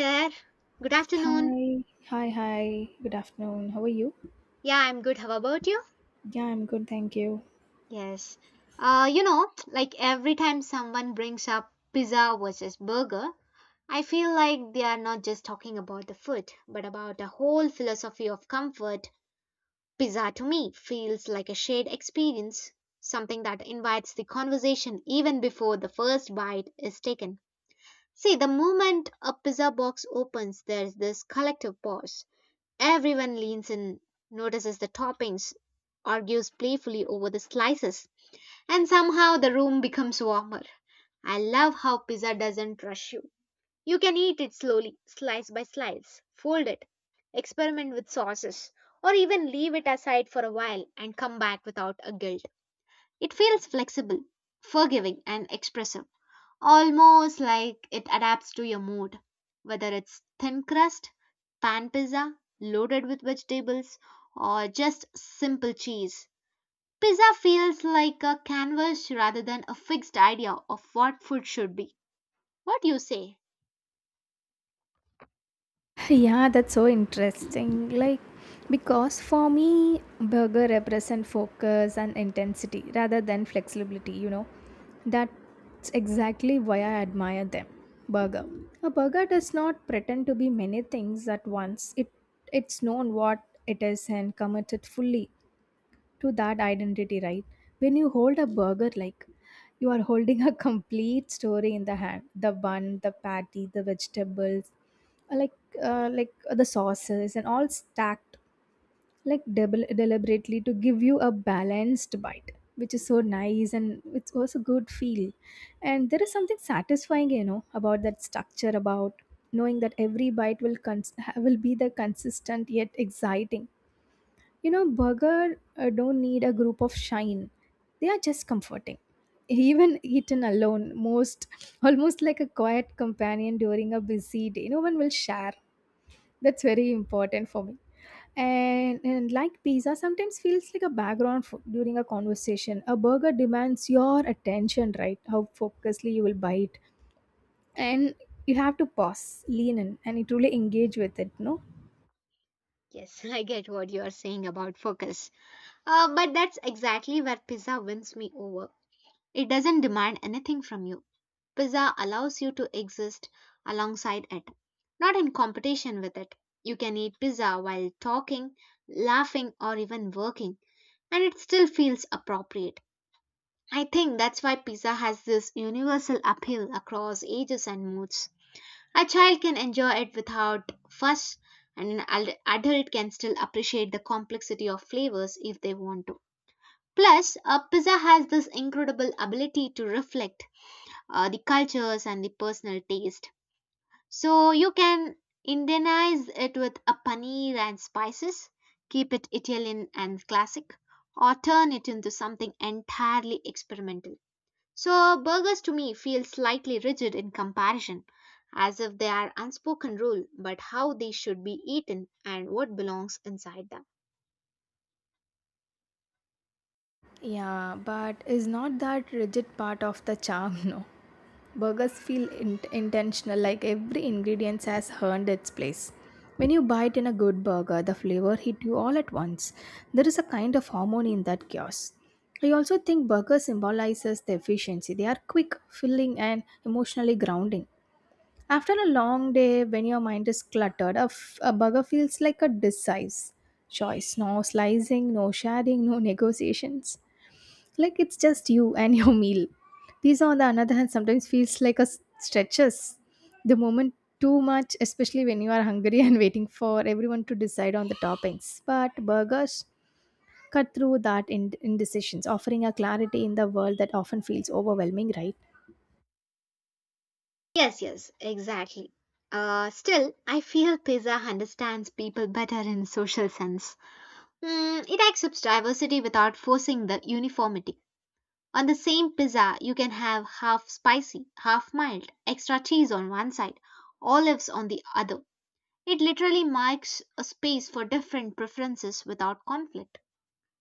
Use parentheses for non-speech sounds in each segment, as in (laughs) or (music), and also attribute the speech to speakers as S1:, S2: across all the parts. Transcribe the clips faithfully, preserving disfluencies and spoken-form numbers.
S1: There. Good afternoon.
S2: Hi, hi, hi. Good afternoon. How are you?
S1: Yeah, I'm good. How about you?
S2: Yeah, I'm good, thank you.
S1: Yes. Uh, you know, like every time someone brings up pizza versus burger, I feel like they are not just talking about the food, but about the whole philosophy of comfort. Pizza to me feels like a shared experience, something that invites the conversation even before the first bite is taken. See, the moment a pizza box opens, there's this collective pause. Everyone leans in, notices the toppings, argues playfully over the slices, and somehow the room becomes warmer. I love how pizza doesn't rush you. You can eat it slowly, slice by slice, fold it, experiment with sauces, or even leave it aside for a while and come back without a guilt. It feels flexible, forgiving, and expressive, almost like it adapts to your mood. Whether it's thin crust, pan pizza loaded with vegetables, or just simple cheese, pizza feels like a canvas rather than a fixed idea of what food should be. What do you say?
S2: Yeah, that's so interesting. Like, because for me, burger represent focus and intensity rather than flexibility, you know. That's exactly why I admire them. Burger. A burger does not pretend to be many things at once. It it's known what it is and committed fully to that identity, right? When you hold a burger, like you are holding a (laughs) complete story in the hand, the bun, the patty, the vegetables, uh, like uh, like uh, the sauces and all stacked like debel deliberately to give you a balanced bite, which is so nice, and it's also good feel. And there is something satisfying you know about that structure, about knowing that every bite will cons- ha- will be the consistent yet exciting. You know, burger uh, don't need a group of shine. They are just comforting. (laughs) Even eaten alone, most almost like a quiet companion during a busy day. No one will share. That's very important for me. And, and like pizza, sometimes feels like a background for, during a conversation. A burger demands your attention, right? How focusedly you will bite, and you have to pause, lean in, and it really engage with it, no?
S1: Yes, (laughs) I get what you are saying about focus. Uh, but that's exactly where pizza wins me over. It doesn't demand anything from you. Pizza allows you to exist alongside it, not in competition with it. You can eat pizza while talking, laughing, or even working, and it still feels appropriate. I think that's why pizza has this universal appeal across ages and moods. A child can enjoy it without fuss, and an ad- adult can still appreciate the complexity of flavors if they want to. Plus, a pizza has this incredible ability to reflect uh, the cultures and the personal taste. So you can Indianize it with a paneer and spices, keep it Italian and classic, or turn it into something entirely experimental. So burgers to me feel slightly rigid in comparison, as if they are unspoken rule, but how they should be eaten and what belongs inside them.
S2: Yeah, but is not that rigid part of the charm, (laughs) no? Burgers feel in- intentional, like every ingredient has earned its place. When you bite in a good burger, the flavor hit you all at once. There is a kind of harmony in that chaos. I also think burger symbolizes the efficiency. They are quick, filling, and emotionally grounding. After a long day, when your mind is cluttered, a, f- a burger feels like a decisive choice. No slicing, no sharing, no negotiations, like it's just you and (laughs) your meal. Pizza, on the other hand, sometimes feels like a s- stretches the moment too much, especially when you are hungry (laughs) and waiting for everyone to decide on the toppings. But burgers cut through that ind- indecisions, offering a clarity in the world that often feels overwhelming, right?
S1: Yes, yes, exactly. Uh, still, I feel pizza understands people better in social sense. Mm, it accepts diversity without forcing the uniformity. On the same pizza, you can have half spicy, half mild, extra cheese on one side, olives on the other. It literally marks a space for different preferences without conflict.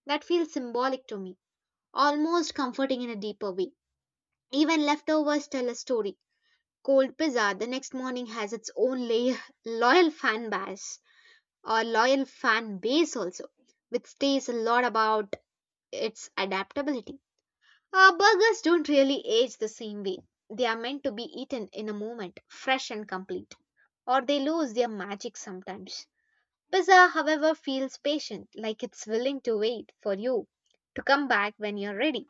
S1: That feels symbolic to me, almost comforting in a deeper way. Even leftovers tell a story. Cold pizza the next morning has its own lay- (laughs) loyal fan base or loyal fan base also, which stays a lot about its adaptability. Uh, burgers don't really age the same way. They are meant to be eaten in a moment, fresh and complete. Or they lose their magic sometimes. Pizza, however, feels patient, like it's willing to wait for you to come back when you're ready.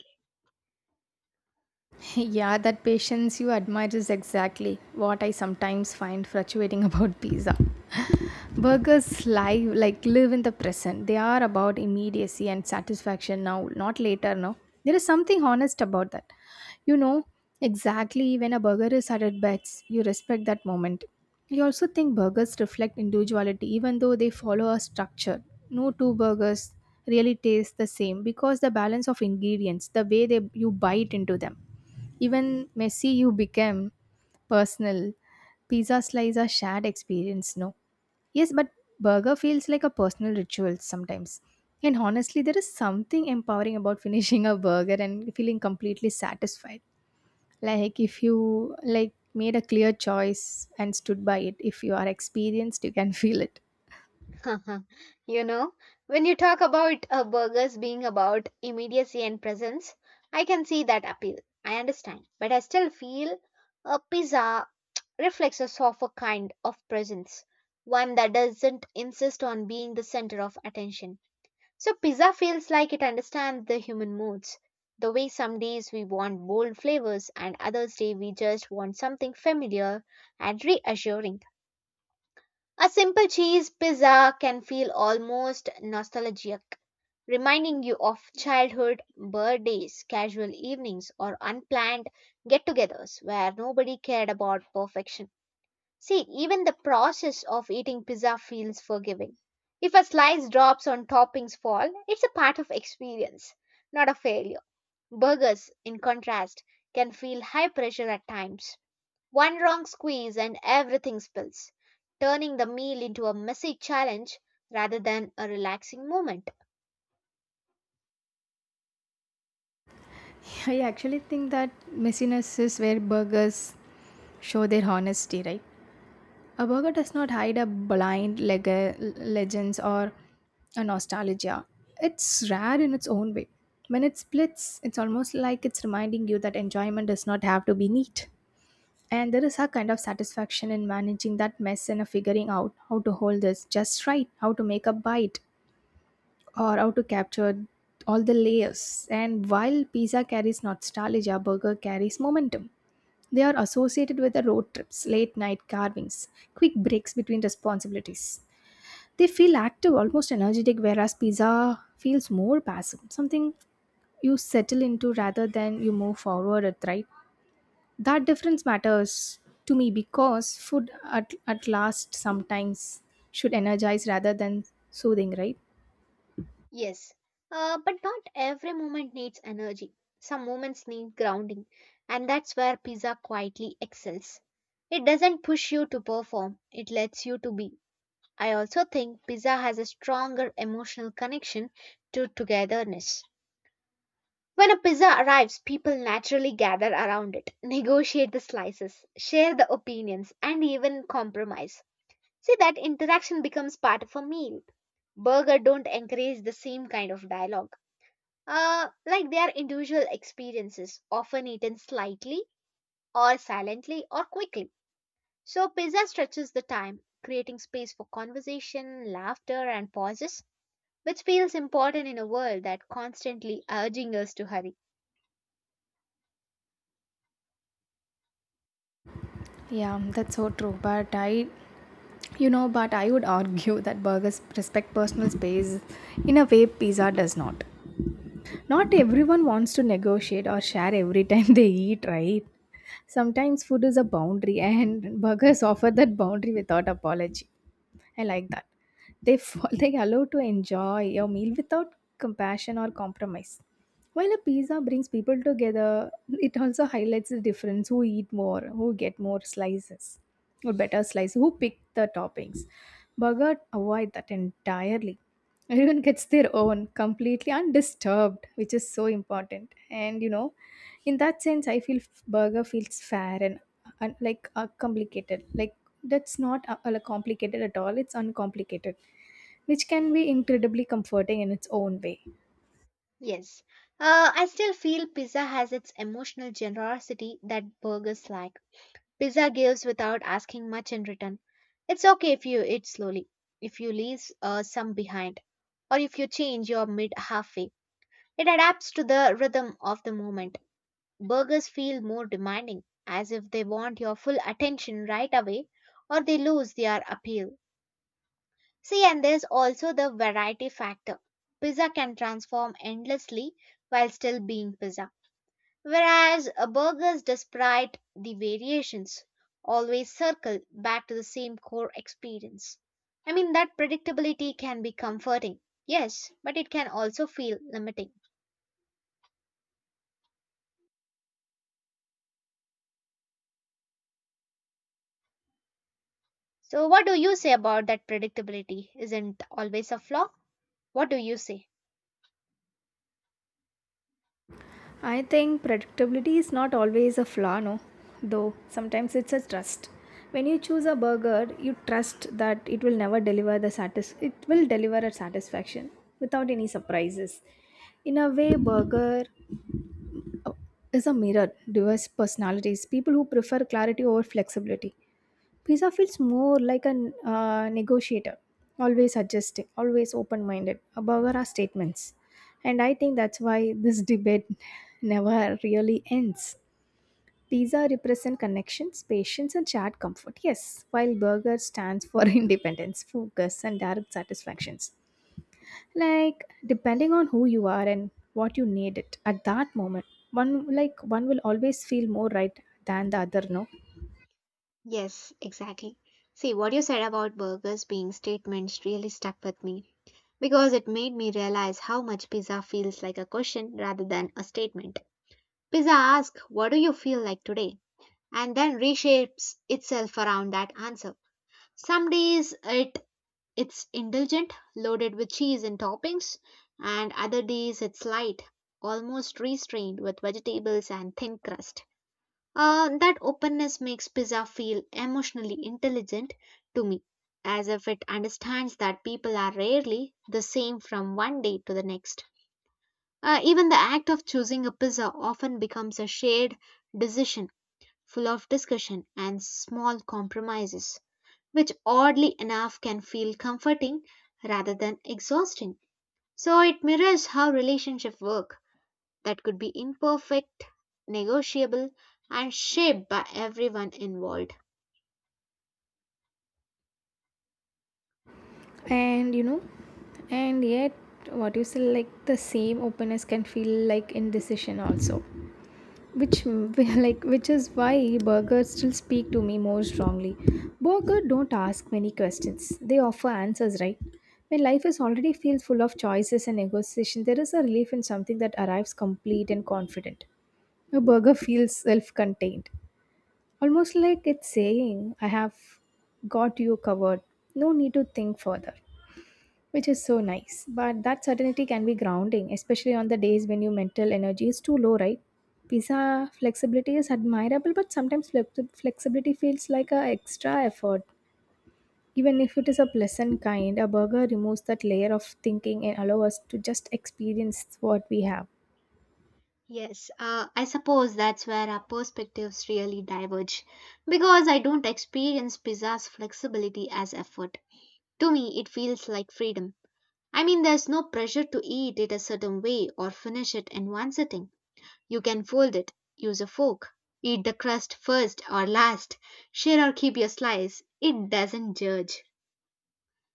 S2: (laughs) Yeah, that patience you admire is exactly what I sometimes find fluctuating (laughs) about pizza. Burgers live like live in the present. They are about immediacy and satisfaction now, not later now. There is something honest about that. You know exactly when a burger is at its best, you respect that moment. I also think burgers reflect individuality, even though they follow a structure. No two burgers really taste the same because the balance of ingredients, the way they you bite into them. Even messy you become personal. Pizza slice a shared experience, no? Yes, but burger feels like a personal ritual sometimes. And honestly, there is something empowering about (laughs) finishing a burger and feeling completely satisfied. Like if you like made a clear choice and stood by it, if you are experienced, you can (laughs) feel it.
S1: (laughs) You know, when you talk about uh, burgers being about immediacy and presence, I can see that appeal. I understand. But I still feel a pizza reflexes of a kind of presence, one that doesn't insist on being the center of attention. So, pizza feels like it understands the human moods. The way some days we want bold flavors and others day we just want something familiar and reassuring. A simple cheese pizza can feel almost nostalgic, reminding you of childhood, birthdays, casual evenings, or unplanned get togethers where nobody cared about perfection. See, even the process of eating pizza feels forgiving. If a slice drops on toppings fall, it's a part of experience, not a failure. Burgers, in contrast, can feel high pressure at times. One wrong squeeze and everything spills, turning the meal into a messy challenge rather than a relaxing moment.
S2: I actually think that messiness is where burgers show their honesty, right? A burger does not hide a blind leg- legends or a nostalgia. It's rare in its own way. When it splits, it's almost like it's reminding you that enjoyment does not have to be neat. And there is a kind of satisfaction in managing that mess and figuring out how to hold this just right, how to make a bite, or how to capture all the layers. And while pizza carries nostalgia, burger carries momentum. They are associated with the road trips, late night carvings, quick breaks between responsibilities. They feel active, almost energetic, whereas pizza feels more passive, something you settle into rather than you move forward at, right? That difference matters to me because food at, at last sometimes should energize rather than soothing, right?
S1: Yes, uh, but not every moment needs energy. Some moments need grounding, and that's where pizza quietly excels. It doesn't push you to perform, it lets you to be. I also think pizza has a stronger emotional connection to togetherness. When a pizza arrives, people naturally gather around it, negotiate the slices, share the opinions, and even compromise. See, that interaction becomes part of a meal. Burger don't encourage the same kind of dialogue uh, like their individual experiences, often eaten slightly or silently or quickly. So, pizza stretches the time, creating space for conversation, laughter, and pauses, which feels important in a world that constantly urging us to hurry.
S2: Yeah, that's so true. But I, you know, but I would argue that burgers respect personal space in a way pizza does not. Not everyone wants to negotiate or share every time (laughs) they eat, right? Sometimes food is a boundary, and (laughs) burgers offer that boundary without apology. I like that. They (laughs) they allow to enjoy your meal without compassion or compromise. While a pizza brings people together, it also highlights the difference, who eat more, who get more slices, or better slice, who pick the toppings. Burger avoid that entirely. Everyone gets their own completely undisturbed, which is so important. And you know, in that sense, I feel burger feels fair and, and like uh, complicated. Like, that's not uh, uh, complicated at all, it's uncomplicated, which can be incredibly comforting in its own way.
S1: Yes, uh, I still feel pizza has its emotional generosity that burgers lack. Pizza gives without asking much in return. It's okay if you eat slowly, if you leave uh, some behind, or if you change your mid halfway. It adapts to the rhythm of the moment. Burgers feel more demanding, as if they want your full attention right away or they lose their appeal. See, and there's also the variety factor. Pizza can transform endlessly while still being pizza, whereas uh, burgers, despite the variations, always circle back to the same core experience. I mean, that predictability can be comforting, yes, but it can also feel limiting. So, what do you say about that predictability isn't always a flaw? What do you say?
S2: I think predictability is not always a flaw, no, though sometimes it's a trust. When you choose a burger, you trust that it will never deliver the satis- it will deliver a satisfaction without any surprises. In a way, burger uh, is a mirror, diverse personalities, people who prefer clarity over flexibility. Pizza feels more like a uh, negotiator, always suggesting, always open minded. A burger are statements. And I think that's why this debate (laughs) never really ends. Pizza represents connections, patience, and shared comfort. Yes, while burger stands for (laughs) independence, focus, and direct satisfactions. Like, depending on who you are and what you need it at that moment, one like one will always feel more right than the other, no?
S1: Yes, exactly. See, what you said about burgers being statements really stuck with me because it made me realize how much pizza feels like a question rather than a statement. Pizza asks, "What do you feel like today?" and then reshapes itself around that answer. Some days it it's indulgent, loaded with cheese and toppings, and other days it's light, almost restrained with vegetables and thin crust. Uh, that openness makes pizza feel emotionally intelligent to me, as if it understands that people are rarely the same from one day to the next. Uh, even the act of choosing a pizza often becomes a shared decision full of discussion and small compromises, which oddly enough can feel comforting rather than exhausting. So it mirrors how relationships work that could be imperfect, negotiable, and shaped by everyone involved.
S2: And you know, and yet, what you say, like the same openness can feel like indecision also, which (laughs) like which is why burgers still speak to me more strongly. Burger don't ask many questions; they offer answers, right? When life is already feels full of choices and negotiation, there is a relief in something that arrives complete and confident. A burger feels self-contained, almost like it's saying, "I have got you covered. No need to think further." Which is so nice. But that certainty can be grounding, especially on the days when your mental energy is too low, right? Pizza flexibility is admirable, but sometimes flexi- flexibility feels like an extra effort. Even if it is a pleasant kind, a burger removes that layer of thinking and allows us to just experience what we have.
S1: Yes, uh, I suppose that's where our perspectives really diverge because I don't experience pizza's flexibility as effort. To me, it feels like freedom. I mean, there's no pressure to eat it a certain way or finish it in one sitting. You can fold it, use a fork, eat the crust first or last, share or keep your slice. It doesn't judge.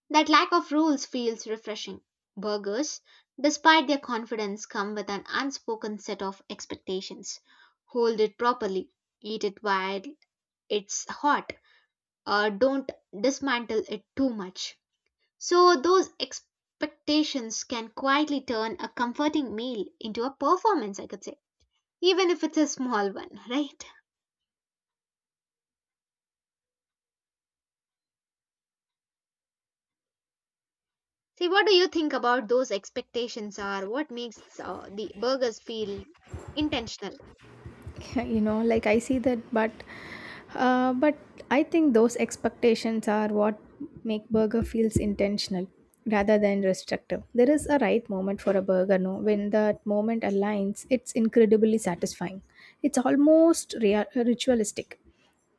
S1: That lack of rules feels refreshing. Burgers, despite their confidence, come with an unspoken set of expectations. Hold it properly, eat it while it's hot, or don't dismantle it too much. So, those expectations can quietly turn a comforting meal into a performance, I could say, even if it's a small one, (laughs) right? See, what do you think about those expectations are? What makes uh, the burgers feel intentional?
S2: (laughs) you know like I see that, but uh, but I think those expectations are what make burger feels intentional rather than restrictive. There is a right moment for a burger, no? When that moment aligns, it's incredibly satisfying. It's almost rea- ritualistic,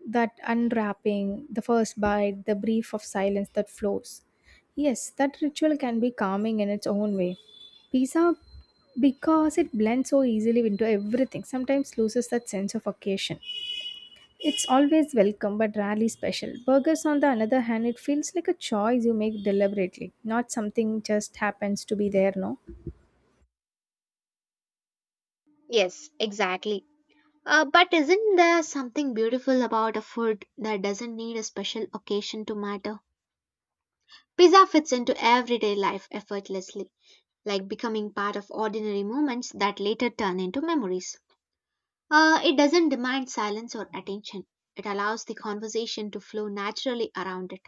S2: that unwrapping, the first bite, the brief of silence that flows. Yes, that ritual can be calming in its own way. Pizza, because it blends so easily into everything, sometimes loses that sense of occasion. It's always welcome but rarely special. Burgers, on the other hand, it feels like a choice you make deliberately, not something just happens to be there, no?
S1: Yes, exactly. Uh, but isn't there something beautiful about a food that doesn't need a special occasion to matter? Pizza fits into everyday life effortlessly, like becoming part of ordinary moments that later turn into memories. Uh, it doesn't demand silence or attention. It allows the conversation to flow naturally around it.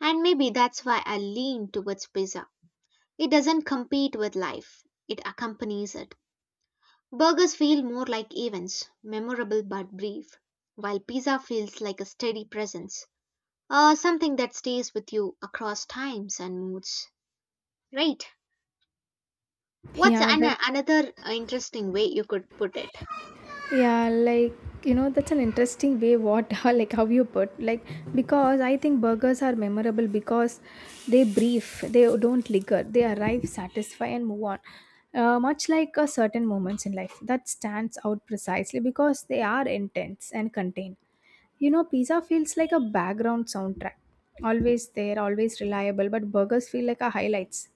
S1: And maybe that's why I lean towards pizza. It doesn't compete with life, it accompanies it. Burgers feel more like events, memorable but brief, while pizza feels like a steady presence, uh, something that stays with you across times and moods. Right. What's
S2: Yeah,
S1: an-
S2: that
S1: another interesting way you could put it?
S2: yeah like you know that's an interesting way what (laughs) like how you put, like, because I think burgers are memorable because they brief, they don't linger, they arrive satisfy and move on, uh, much like a certain moments in life that stands out precisely because they are intense and contained you know, pizza feels like a background soundtrack. Always there, always reliable, but burgers feel like a highlights.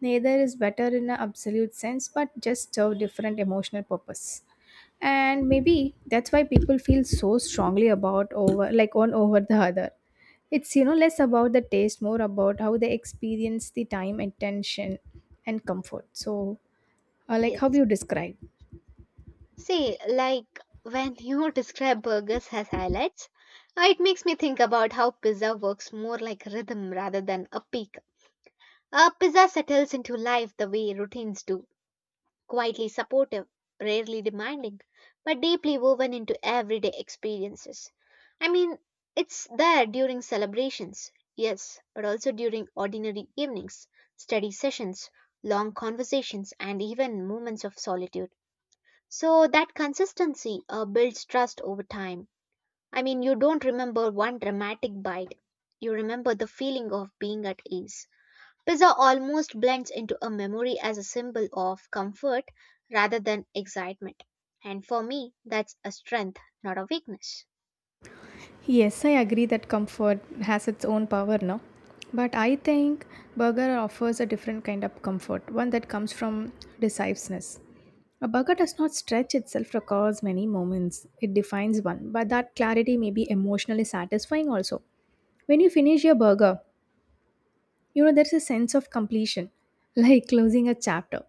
S2: Neither is better in an absolute sense, but just serve different emotional purpose. And maybe that's why people feel so strongly about over, like one over the other. It's you know less about the taste, more about how they experience the time, attention, and comfort. So, uh, like how
S1: Yes.
S2: you describe.
S1: See, like when you (laughs) describe burgers as highlights, uh, it makes me think about how pizza works more like rhythm rather than a peak. A pizza settles into life the way routines do, quietly supportive, rarely demanding, but deeply woven into everyday experiences. I mean, it's there during celebrations, yes, but also during ordinary evenings, study sessions, long conversations, and even moments of solitude. So that consistency uh, builds trust over time. I mean, you don't remember one dramatic bite, you remember the feeling of being at ease. Pizza almost blends into a memory as a symbol of comfort rather than excitement. And for me, that's a strength, not a weakness.
S2: Yes, I agree that comfort has its own power now. But I think burger offers a different kind of comfort, one that comes from decisiveness. A burger does not stretch itself across many moments, it defines one, but that clarity may be emotionally satisfying also. When you finish your burger, you know there's a sense of completion, (laughs) like closing a chapter.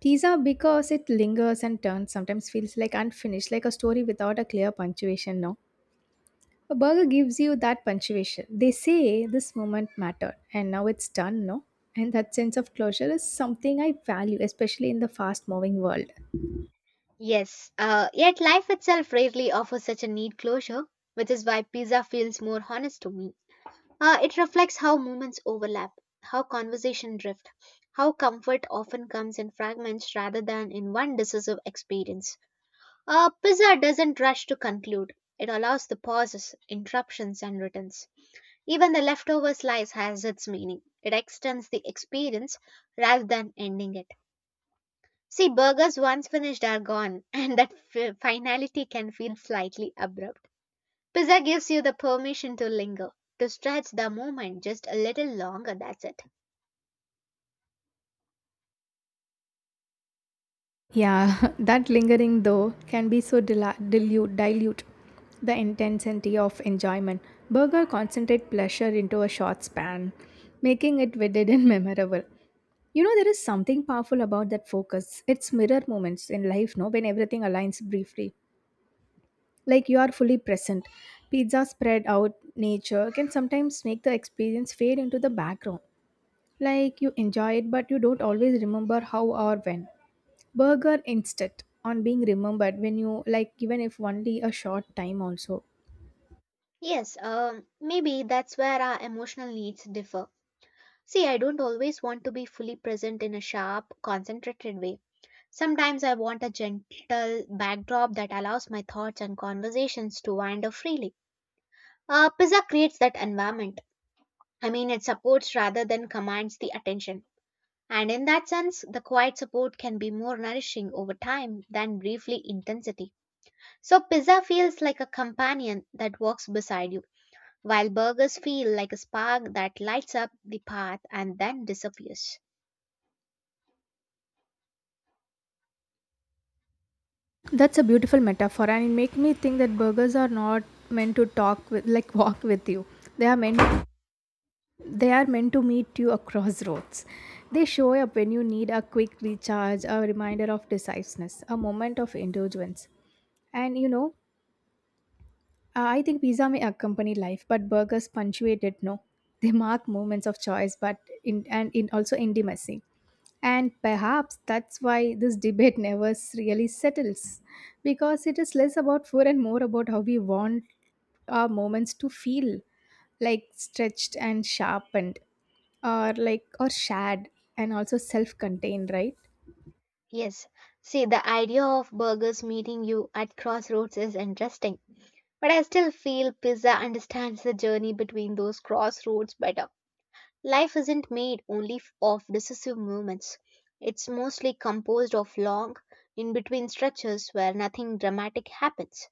S2: Pizza, because it lingers and turns, sometimes feels like unfinished, like a story without a clear punctuation, no? A burger gives you that punctuation. They say this moment mattered and now it's done, no? And that sense of closure is something I value, especially in the fast moving world.
S1: Yes, uh, yet life itself rarely offers such a neat closure, which is why pizza feels more honest to me. Uh, it reflects how moments overlap, how conversation drift, how comfort often comes in fragments rather than in one decisive experience. Uh, Pizza doesn't rush to conclude. It allows the pauses, interruptions, and returns. Even the leftover slice has its meaning. It extends the experience rather than ending it. See, burgers once finished are gone, (laughs) and that fi- finality can feel slightly abrupt. Pizza gives you the permission to linger, to stretch the moment just a little longer, that's it.
S2: Yeah, (laughs) that lingering though can be so dila- dilute, dilute the intensity of enjoyment. Burger concentrate pleasure into a short span, making it vivid and (laughs) memorable. You know, there is something powerful about that focus. It's mirror moments in life, no, when everything aligns briefly, like you are fully present. Pizza spread out nature can sometimes make the experience fade into the background. Like you enjoy it, but you don't always remember how or when. Burger instead on being remembered when you like, even if only a short time also.
S1: Yes, um, maybe that's where our emotional needs differ. See, I don't always want to be fully present in a sharp, concentrated way. Sometimes I want a gentle backdrop that allows my thoughts and conversations to wander freely. Uh, pizza creates that environment. I mean, it supports rather than commands the attention. And in that sense, the quiet support can be more nourishing over time than briefly intensity. So pizza feels like a companion that walks beside you, while burgers feel like a spark that lights up the path and then disappears.
S2: That's a beautiful metaphor, and it make me think that burgers are not meant to talk with like walk with you. They are meant They are meant to meet you across roads. They show up when you need a quick recharge, a reminder of decisiveness, a moment of indulgence. And you know, uh, I think pizza may accompany life, but burgers punctuate it. No, they mark moments of choice, but in and in also intimacy. And perhaps that's why this debate never s- really settles, because it is less about food and more about how we want our moments to feel, like stretched and sharpened, or like or shared and also self-contained, right?
S1: Yes, see, the idea of burgers meeting you at crossroads is interesting, but I still feel pizza understands the journey between those crossroads better. Life isn't made only f- of decisive moments, it's mostly composed of long, in between stretches where nothing dramatic happens.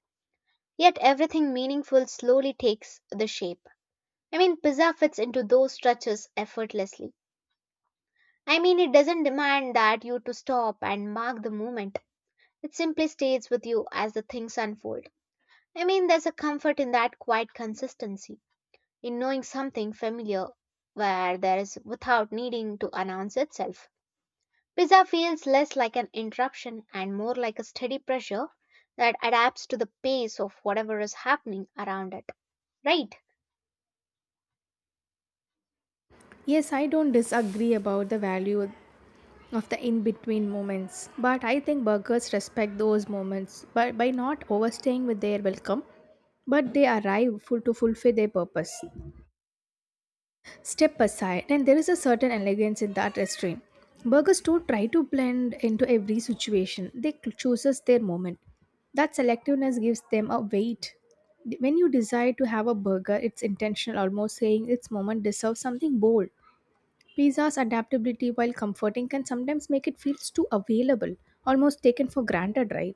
S1: Yet everything meaningful slowly takes the shape. I mean, pizza fits into those stretches effortlessly. I mean, it doesn't demand that you to stop and mark the moment. It simply stays with you as the things unfold. I mean, there's a comfort in that quiet consistency, in knowing something familiar where there is without needing to announce itself. Pizza feels less like an interruption and more like a steady pressure that adapts to the pace of whatever is happening around it, right?
S2: Yes, I don't disagree about the value of the in between moments, but I think burgers respect those moments by, by not overstaying with their welcome, but they arrive full to fulfill their purpose. Step aside, and there is a certain elegance in that restraint. Burgers don't try to blend into every situation, they cl- chooses their moment. That selectiveness gives them a weight. When you decide to have a burger, it's intentional, almost saying its moment deserves something bold. Pizza's adaptability, while comforting, can sometimes make it feel too available, almost taken for granted, right?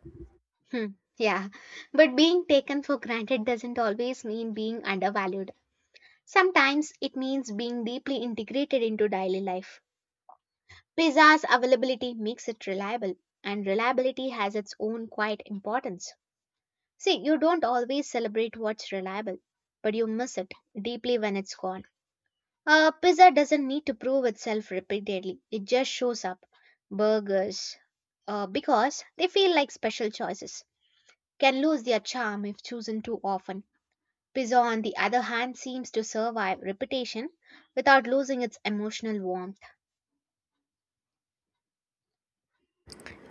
S1: Hmm, Yeah, but being taken for granted doesn't always mean being undervalued. Sometimes it means being deeply integrated into daily life. Pizza's availability makes it reliable, and reliability has its own quiet importance. See, you don't always celebrate what's reliable, but you miss it deeply when it's gone. Uh, pizza doesn't need to prove itself repeatedly, it just shows up. Burgers, uh, because they feel like special choices can lose their charm if chosen too often. Pizza, on the other hand, seems to survive repetition without losing its emotional warmth.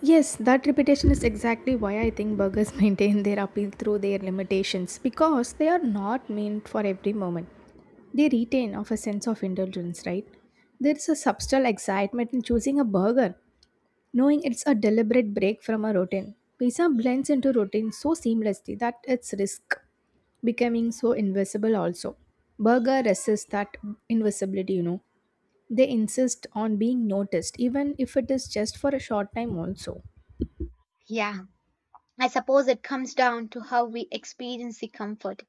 S2: Yes, that repetition is exactly why I think burgers (laughs) maintain their appeal through their limitations because they are not meant for every moment. They retain of a sense of indulgence, right? There is a subtle excitement in choosing a burger knowing it's a deliberate break from a routine. Pizza blends into routine so seamlessly that it's risk becoming so invisible also. Burger resists that invisibility, you know. They insist on being noticed, even if it is just for a short time, also.
S1: Yeah, I suppose it comes down to how we experience the comfort.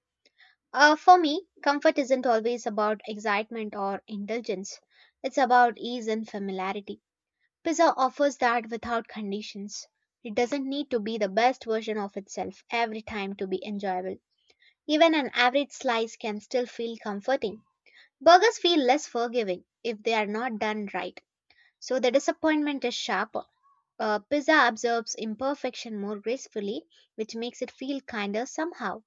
S1: Uh, for me, comfort isn't always about excitement or indulgence, it's about ease and familiarity. Pizza offers that without conditions. It doesn't need to be the best version of itself every time to be enjoyable. Even an average slice can still feel comforting. Burgers feel less forgiving if they are not done right, so the disappointment is sharper. Uh, pizza absorbs imperfection more gracefully, which makes it feel kinder somehow.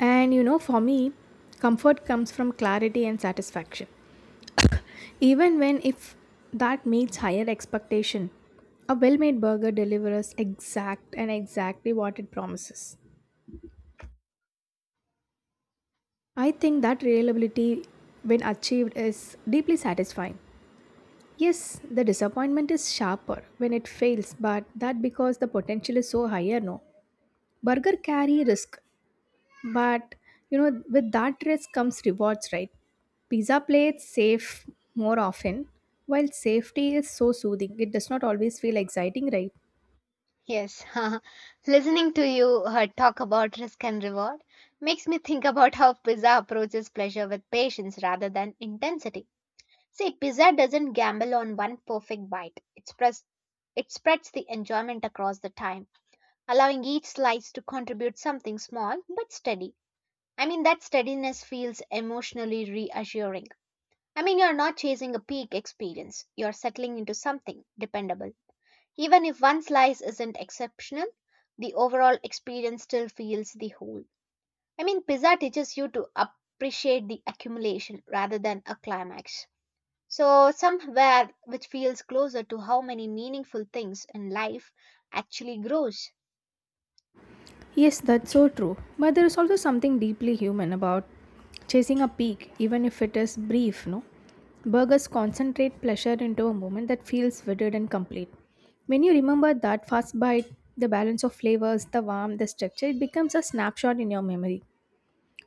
S2: And you know, for me, comfort comes from clarity and satisfaction. Even when if that meets higher expectation, a well made burger delivers exact and exactly what it promises. I think that reliability, when achieved, is deeply satisfying. Yes, the disappointment is sharper when it fails, but that because the potential is so higher, no. Burger carry risk, but you know, with that risk comes rewards, right? Pizza plates save more often, while safety is so soothing. It does not always feel exciting, right?
S1: Yes, (laughs) listening to you uh, talk about risk and reward makes me think about how pizza approaches pleasure with patience rather than intensity. See, pizza doesn't gamble on one perfect bite, it, spreads it spreads the enjoyment across the time, allowing each slice to contribute something small but steady. I mean, that steadiness feels emotionally reassuring. I mean, you're not chasing a peak experience, you're settling into something dependable. Even if one slice isn't exceptional, the overall experience still feels the whole. I mean, pizza teaches you to appreciate the accumulation rather than a climax. So, somewhere which feels closer to how many meaningful things in life actually grows.
S2: Yes, that's so true. But there is also something deeply human about chasing a peak, even if it is brief, no? Burgers concentrate pleasure into a moment that feels vivid and complete. When you remember that fast bite, the balance of flavors, the warmth, the structure, it becomes a snapshot in your memory.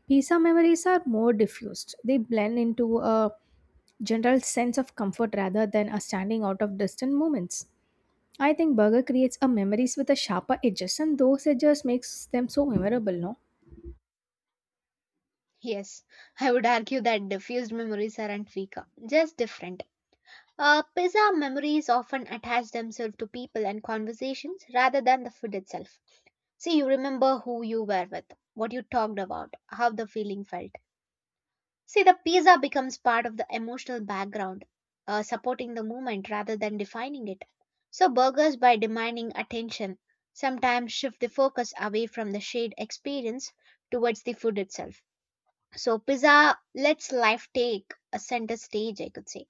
S2: Pizza memories are more diffused. They blend into a general sense of comfort rather than a standing out of distant moments. I think burger creates a memories with a sharper edges, and those edges makes them so memorable, no?
S1: Yes, I would argue that diffused memories aren't weaker, just different. Uh, pizza memories often attach themselves to people and conversations rather than the food itself. See, you remember who you were with, what you talked about, how the feeling felt. See, the pizza becomes part of the emotional background, uh, supporting the movement rather than defining it. So, burgers, by demanding attention, sometimes shift the focus away from the shared experience towards the food itself. So, pizza lets life take a center stage, I could say.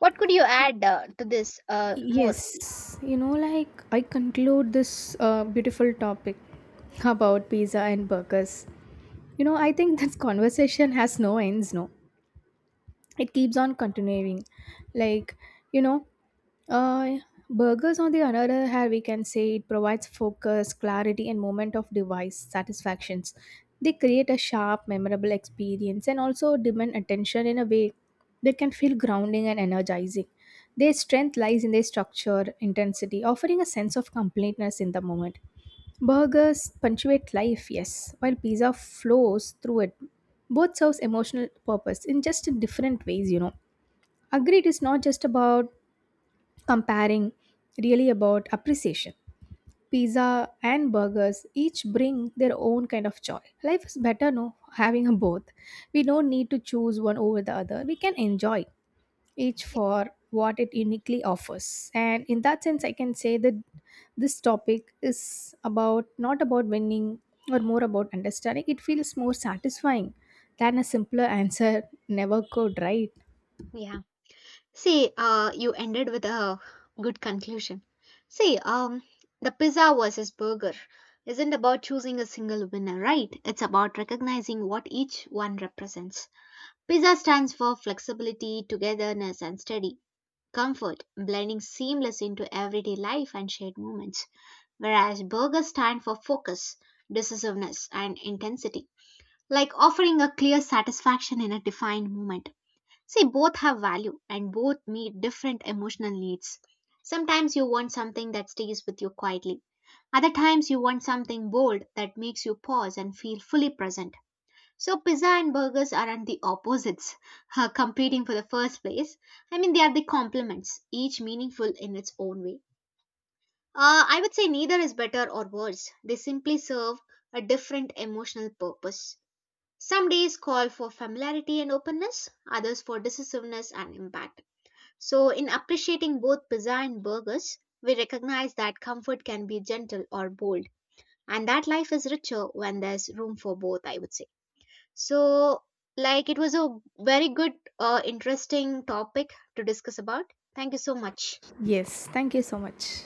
S1: What could you add uh, to this uh, more?
S2: Yes, you know, like I conclude this uh, beautiful topic about pizza and burgers. You know, I think (laughs) this conversation has no ends, no? It keeps on continuing. Like, you know, Uh, Burgers, on the other hand, we can say it provides focus, clarity, and moment of device satisfactions. They create a sharp, memorable experience and also demand attention in a way that can feel grounding and energizing. Their strength lies in their structure, intensity, offering a sense of completeness in the moment. Burgers punctuate life, yes, while pizza flows through it. Both serves emotional purpose in just different ways, you know. Agreed, it's not just about comparing really about appreciation. Pizza and burgers each bring their own kind of joy. Life is better no having a both. We don't need to choose one over the other. We can enjoy each for what it uniquely offers. And in that sense I can say that this topic is about not about winning or more about understanding. It feels more satisfying than a simpler answer never could, right?
S1: Yeah. See, uh, you ended with a good conclusion. See, um, the pizza versus burger isn't about choosing a single winner, right? It's about recognizing what each one represents. Pizza stands for flexibility, togetherness, and steady comfort, blending seamless into everyday life and shared moments, whereas burgers stand for focus, decisiveness, and intensity. Like offering a clear satisfaction in a defined moment. See, both have value and both meet different emotional needs. Sometimes you want something that stays with you quietly. Other times you want something bold that makes you pause and feel fully present. So pizza and burgers aren't the opposites, (laughs) uh, competing for the first place. I mean, they are the complements, each meaningful in its own way. Uh, I would say neither is better or worse. They simply serve a different emotional purpose. Some days call for familiarity and openness, others for decisiveness and impact. So, in appreciating both pizza and burgers, we recognize that comfort can be gentle or bold, and that life is richer when there's room for both, I would say. So, like, it was a very good, uh, interesting topic to discuss about. Thank you so much.
S2: Yes, thank you so much.